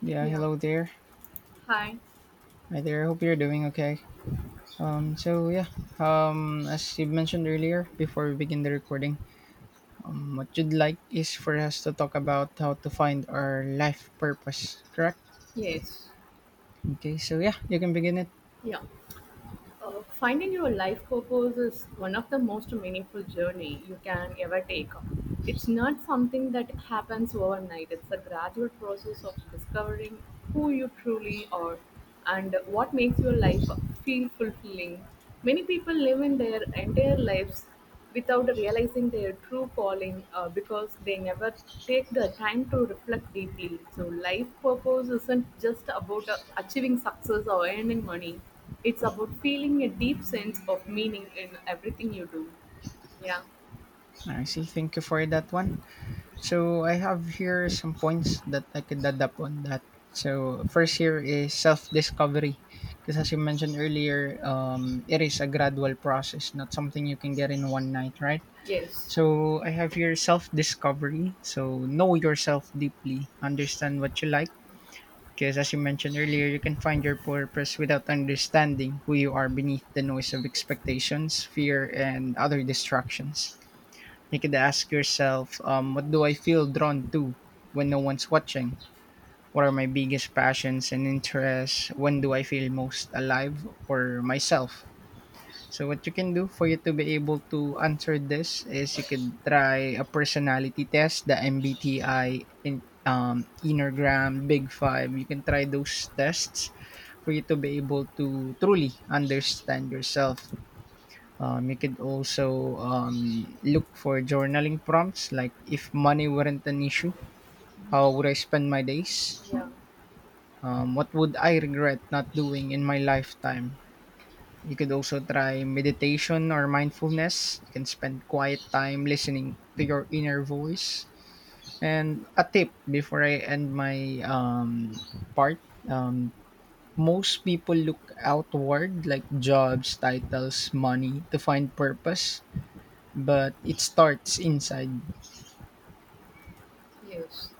Yeah, Yeah. hello there. Hi. Hi there. I hope you're doing okay. As you mentioned earlier, before we begin the recording, what you'd like is for us to talk about how to find our life purpose, correct? Yes. Okay, so yeah, you can begin it. Yeah. Finding your life purpose is one of the most meaningful journey you can ever take. It's not something that happens overnight. It's a gradual process of discovering who you truly are and what makes your life feel fulfilling. Many people live in their entire lives without realizing their true calling because they never take the time to reflect deeply. So, life purpose isn't just about achieving success or earning money, it's about feeling a deep sense of meaning in everything you do. Yeah, I see. Thank you for that one. So I have here some points that I could add up on that. So first here is self-discovery, because as you mentioned earlier, it is a gradual process, not something you can get in one night, right? yes, So I have here self discovery. So know yourself deeply, understand what you like. Because as you mentioned earlier, you can find your purpose without understanding who you are beneath the noise of expectations, fear, and other distractions. You could ask yourself, what do I feel drawn to when no one's watching? What are my biggest passions and interests? When do I feel most alive or myself? So what you can do for you to be able to answer this is you could try a personality test, the MBTI, in, Enneagram, Big Five. You can try those tests for you to be able to truly understand yourself. You could also look for journaling prompts like if money weren't an issue, how would I spend my days? yeah, What would I regret not doing in my lifetime? You could also try meditation or mindfulness. You can spend quiet time listening to your inner voice. And a tip before I end my part, um, most people look outward, like jobs, titles, money, to find purpose, but it starts inside. yes.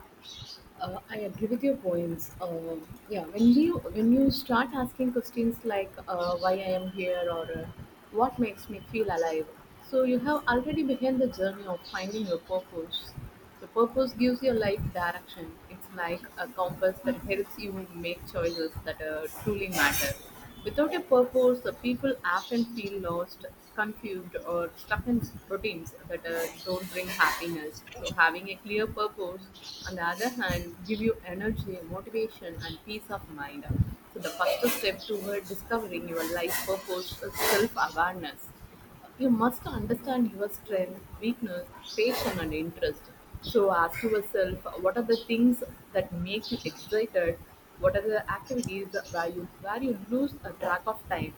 I agree with your points. Yeah, when you start asking questions like why I am here or what makes me feel alive, so you have already begun the journey of finding your purpose. So purpose gives your life direction. It's like a compass that helps you make choices that truly matter. Without a purpose, the people often feel lost, confused, or stuck in routines that don't bring happiness. So, having a clear purpose, on the other hand, give you energy, motivation, and peace of mind. So, the first step toward discovering your life purpose is self awareness. You must understand your strength, weakness, passion, and interest. So ask yourself, what are the things that make you excited? What are the activities where you lose a track of time?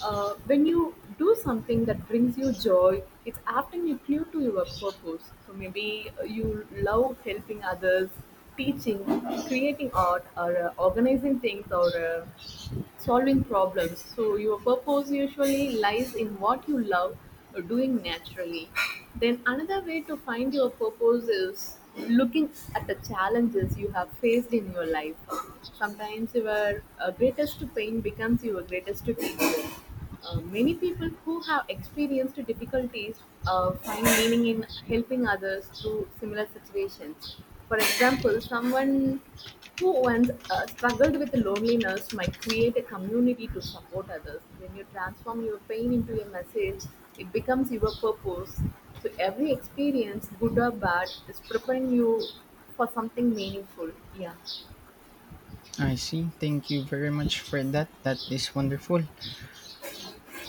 When you do something that brings you joy, it's often you clue to your purpose. So maybe you love helping others, teaching, creating art, or organizing things, or solving problems. So your purpose usually lies in what you love doing naturally. Then another way to find your purpose is looking at the challenges you have faced in your life. Sometimes your greatest pain becomes your greatest teacher. Many people who have experienced difficulties find meaning in helping others through similar situations. For example, someone who once struggled with loneliness might create a community to support others. When you transform your pain into a message, it becomes your purpose. So every experience, good or bad, is preparing you for something meaningful. Yeah. I see. Thank you very much for that. That is wonderful.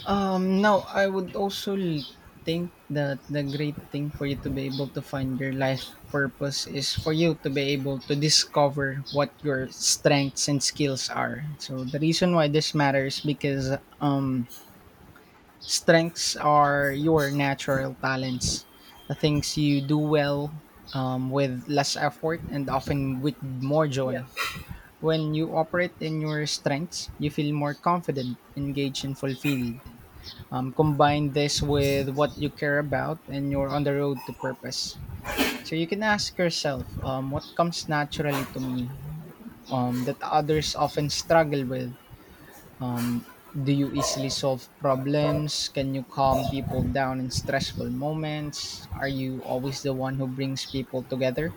Now I would also think that the great thing for you to be able to find your life purpose is for you to be able to discover what your strengths and skills are. So the reason why this matters because um strengths are your natural talents, the things you do well with less effort and often with more Yeah. joy. When you operate in your strengths, you feel more confident, engaged, and fulfilled. Combine this with what you care about and you're on the road to purpose. So you can ask yourself, what comes naturally to me that others often struggle with? um, do you easily solve problems? Can you calm people down in stressful moments? Are you always the one who brings people together?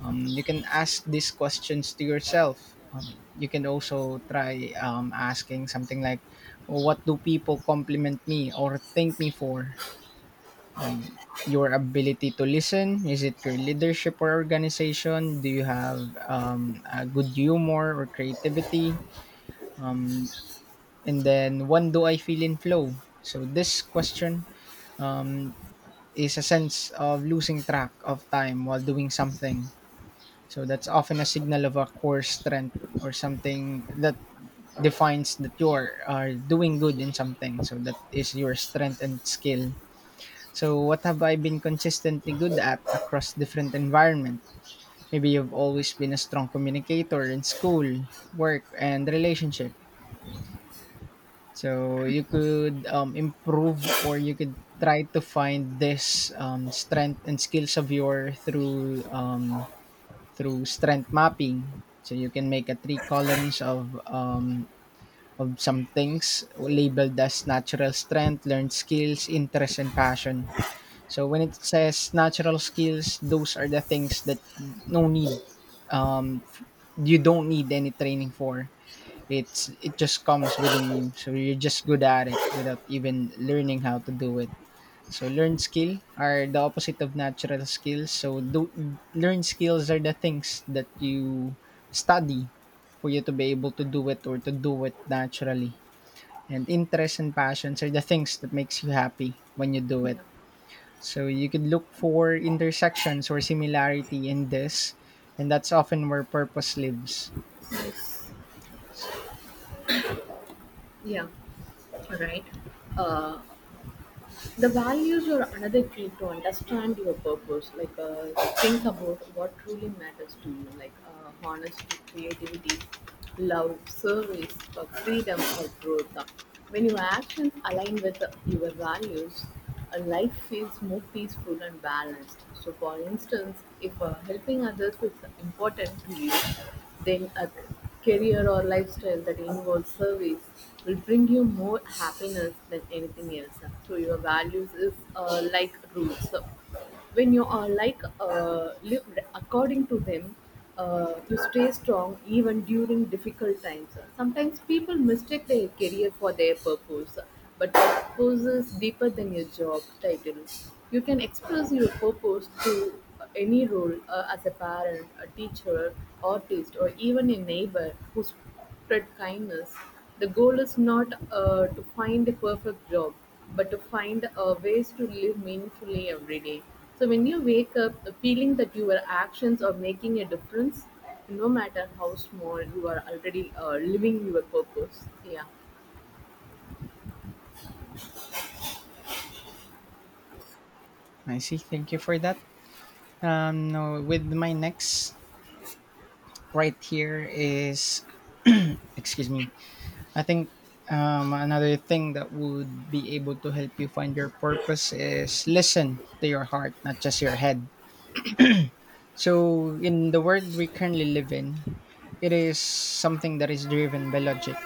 You can ask these questions to yourself. You can also try asking something like, what do people compliment me or thank me for? Your ability to listen? Is it your leadership or organization? Do you have a good humor or creativity? Um, and then, when do I feel in flow? So, this question um, is a sense of losing track of time while doing something. So, that's often a signal of a core strength or something that defines that you're are doing good in something. So, that is your strength and skill. So, what have I been consistently good at across different environment? Maybe you've always been a strong communicator in school, work, and relationship. So, you could improve, or you could try to find this strength and skills of your through through strength mapping. So you can make a three columns of some things labeled as natural strength, learned skills, interest, and passion. So when it says natural skills, those are the things that no need, um, f- you don't need any training for. It just comes within you, so you're just good at it without even learning how to do it. So learned skill are the opposite of natural skills. Learned skills are the things that you study for you to be able to do it or to do it naturally. And interests and passions are the things that makes you happy when you do it, Yeah. so you could look for intersections or similarity in this, and that's often where purpose lives. Yeah, right. Uh, the values are another key to understand your purpose, like think about what truly matters to you, like honesty, creativity, love, service, or freedom, or growth. When your actions align with your values, life feels more peaceful and balanced. So, for instance, if helping others is important to you, then a career or lifestyle that involves service will bring you more happiness than anything else. So, your values is like roots. So, when you are like lived according to them, you stay strong even during difficult times. Sometimes people mistake their career for their purpose, but purpose is deeper than your job title. You can express your purpose to any role, as a parent, a teacher, artist, or even a neighbor who spread kindness. The goal is not to find a perfect job, but to find ways to live meaningfully every day. So when you wake up feeling that your actions are making a difference, no matter how small, you are already living your purpose. Yeah, I see. Thank you for that. Now with my next right here is, excuse me. I think another thing that would be able to help you find your purpose is listen to your heart, not just your head. So in the world we currently live in, it is something that is driven by logic,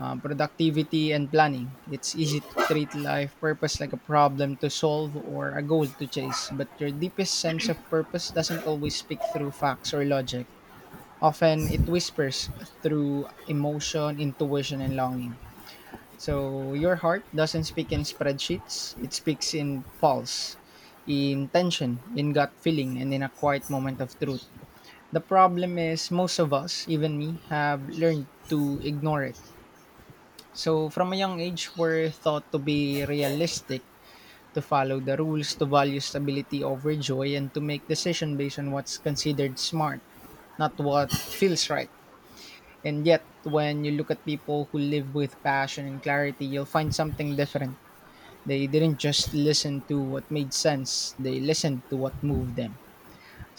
productivity, and planning. It's easy to treat life purpose like a problem to solve or a goal to chase, but your deepest sense of purpose doesn't always speak through facts or logic. Often it whispers through emotion, intuition, and longing. So your heart doesn't speak in spreadsheets, it speaks in pulse, in tension, in gut feeling, and in a quiet moment of truth. The problem is most of us, even me, have learned to ignore it. So, from a young age, we're taught to be realistic, to follow the rules, to value stability over joy, and to make decision based on what's considered smart, not what feels right. And yet, when you look at people who live with passion and clarity, you'll find something different. They didn't just listen to what made sense, they listened to what moved them.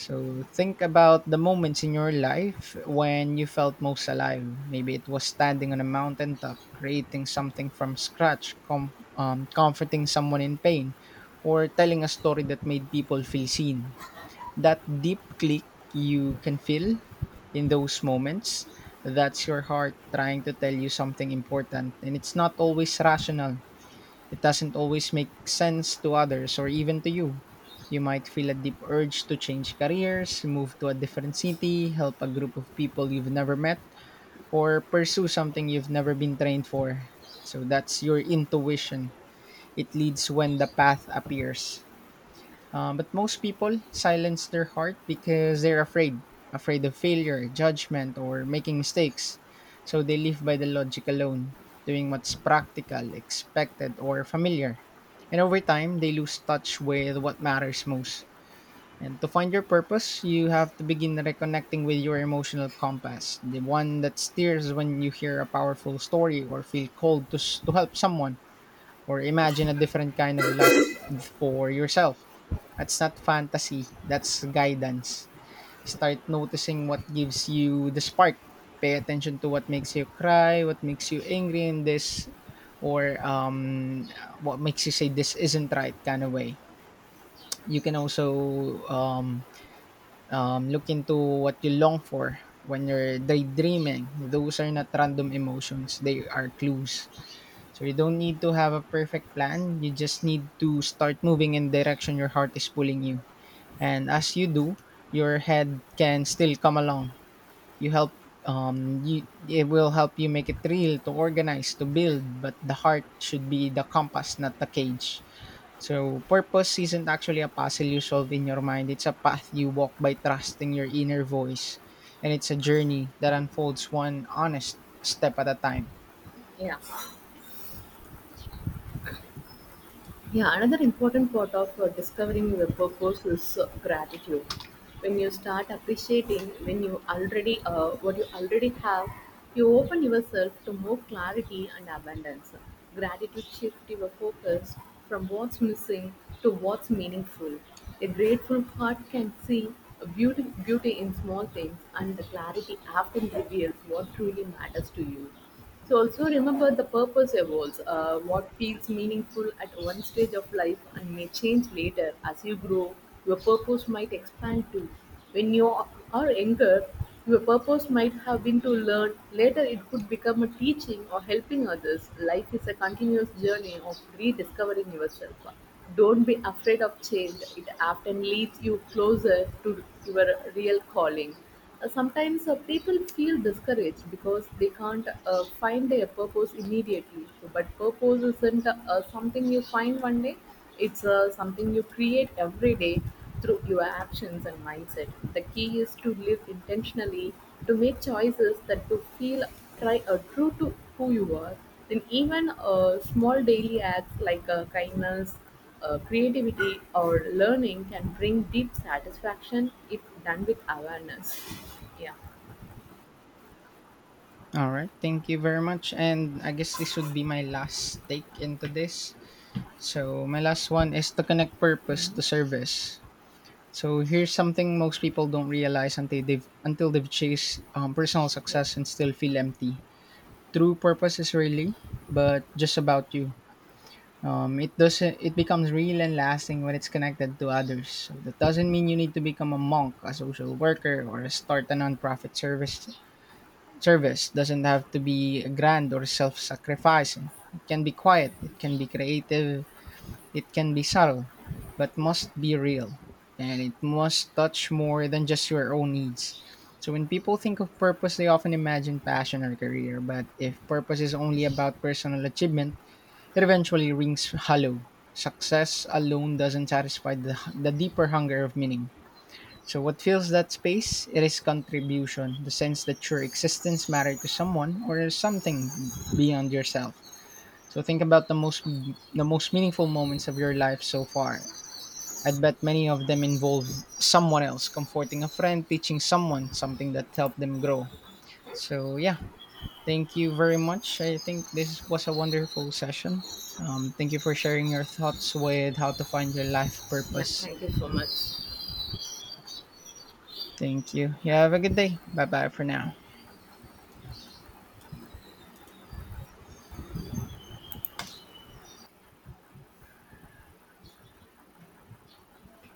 So think about the moments in your life when you felt most alive. Maybe it was standing on a mountaintop, creating something from scratch, comforting someone in pain, or telling a story that made people feel seen. That deep click you can feel in those moments, that's your heart trying to tell you something important. And it's not always rational. It doesn't always make sense to others or even to you. You might feel a deep urge to change careers, move to a different city, help a group of people you've never met, or pursue something you've never been trained for. So that's your intuition. It leads when the path appears. But most people silence their heart because they're afraid, afraid of failure, judgment, or making mistakes. So they live by the logic alone, doing what's practical, expected, or familiar. And over time, they lose touch with what matters most. And to find your purpose, you have to begin reconnecting with your emotional compass, the one that steers when you hear a powerful story or feel called to, to help someone or imagine a different kind of life for yourself. That's not fantasy, that's guidance. Start noticing what gives you the spark. Pay attention to what makes you cry, what makes you angry in this, or what makes you say this isn't right kind of way. You can also look into what you long for when you're daydreaming. Those are not random emotions, they are clues. So you don't need to have a perfect plan. You just need to start moving in direction your heart is pulling you. And as you do, your head can still come along. You help you it will help you make it real, to organize, to build, but the heart should be the compass, not the cage. So purpose isn't actually a puzzle you solve in your mind, it's a path you walk by trusting your inner voice, and it's a journey that unfolds one honest step at a time. yeah. Yeah, another important part of discovering your purpose is gratitude. When you start appreciating when you already what you already have, you open yourself to more clarity and abundance. Gratitude shifts your focus from what's missing to what's meaningful. A grateful heart can see a beauty in small things, and the clarity often reveals what truly matters to you. So also remember the purpose evolves. What feels meaningful at one stage of life and may change later as you grow. Your purpose might expand too. When you are younger, your purpose might have been to learn. Later, it could become a teaching or helping others. Life is a continuous journey of rediscovering yourself. Don't be afraid of change. It often leads you closer to your real calling. Sometimes people feel discouraged because they can't find their purpose immediately. So, but purpose isn't something you find one day, it's something you create every day through your actions and mindset. The key is to live intentionally, to make choices that to feel try, true to who you are. Then even small daily acts like kindness, creativity, or learning can bring deep satisfaction if done with awareness. Yeah, All right, thank you very much. And I guess this would be my last take into this. So, my last one is to connect purpose to service. So, here's something most people don't realize until they've chased personal yeah, success and still feel empty. True purpose is really, but just about you. It doesn't. It becomes real and lasting when it's connected to others. So that doesn't mean you need to become a monk, a social worker, or start a nonprofit service. Service doesn't have to be grand or self sacrificing. It can be quiet, it can be creative, it can be subtle, but must be real. And it must touch more than just your own needs. So when people think of purpose, they often imagine passion or career. But if purpose is only about personal achievement, it eventually rings hollow. Success alone doesn't satisfy the deeper hunger of meaning. So what fills that space? It is contribution, the sense that your existence mattered to someone or something beyond yourself. So think about the most meaningful moments of your life so far. I'd bet many of them involve someone else, comforting a friend, teaching someone something that helped them grow. So yeah, thank you very much. I think this was a wonderful session. Thank you for sharing your thoughts with how to find your life yeah. purpose. Thank you so much. Thank you. You have a good day. Bye bye for now.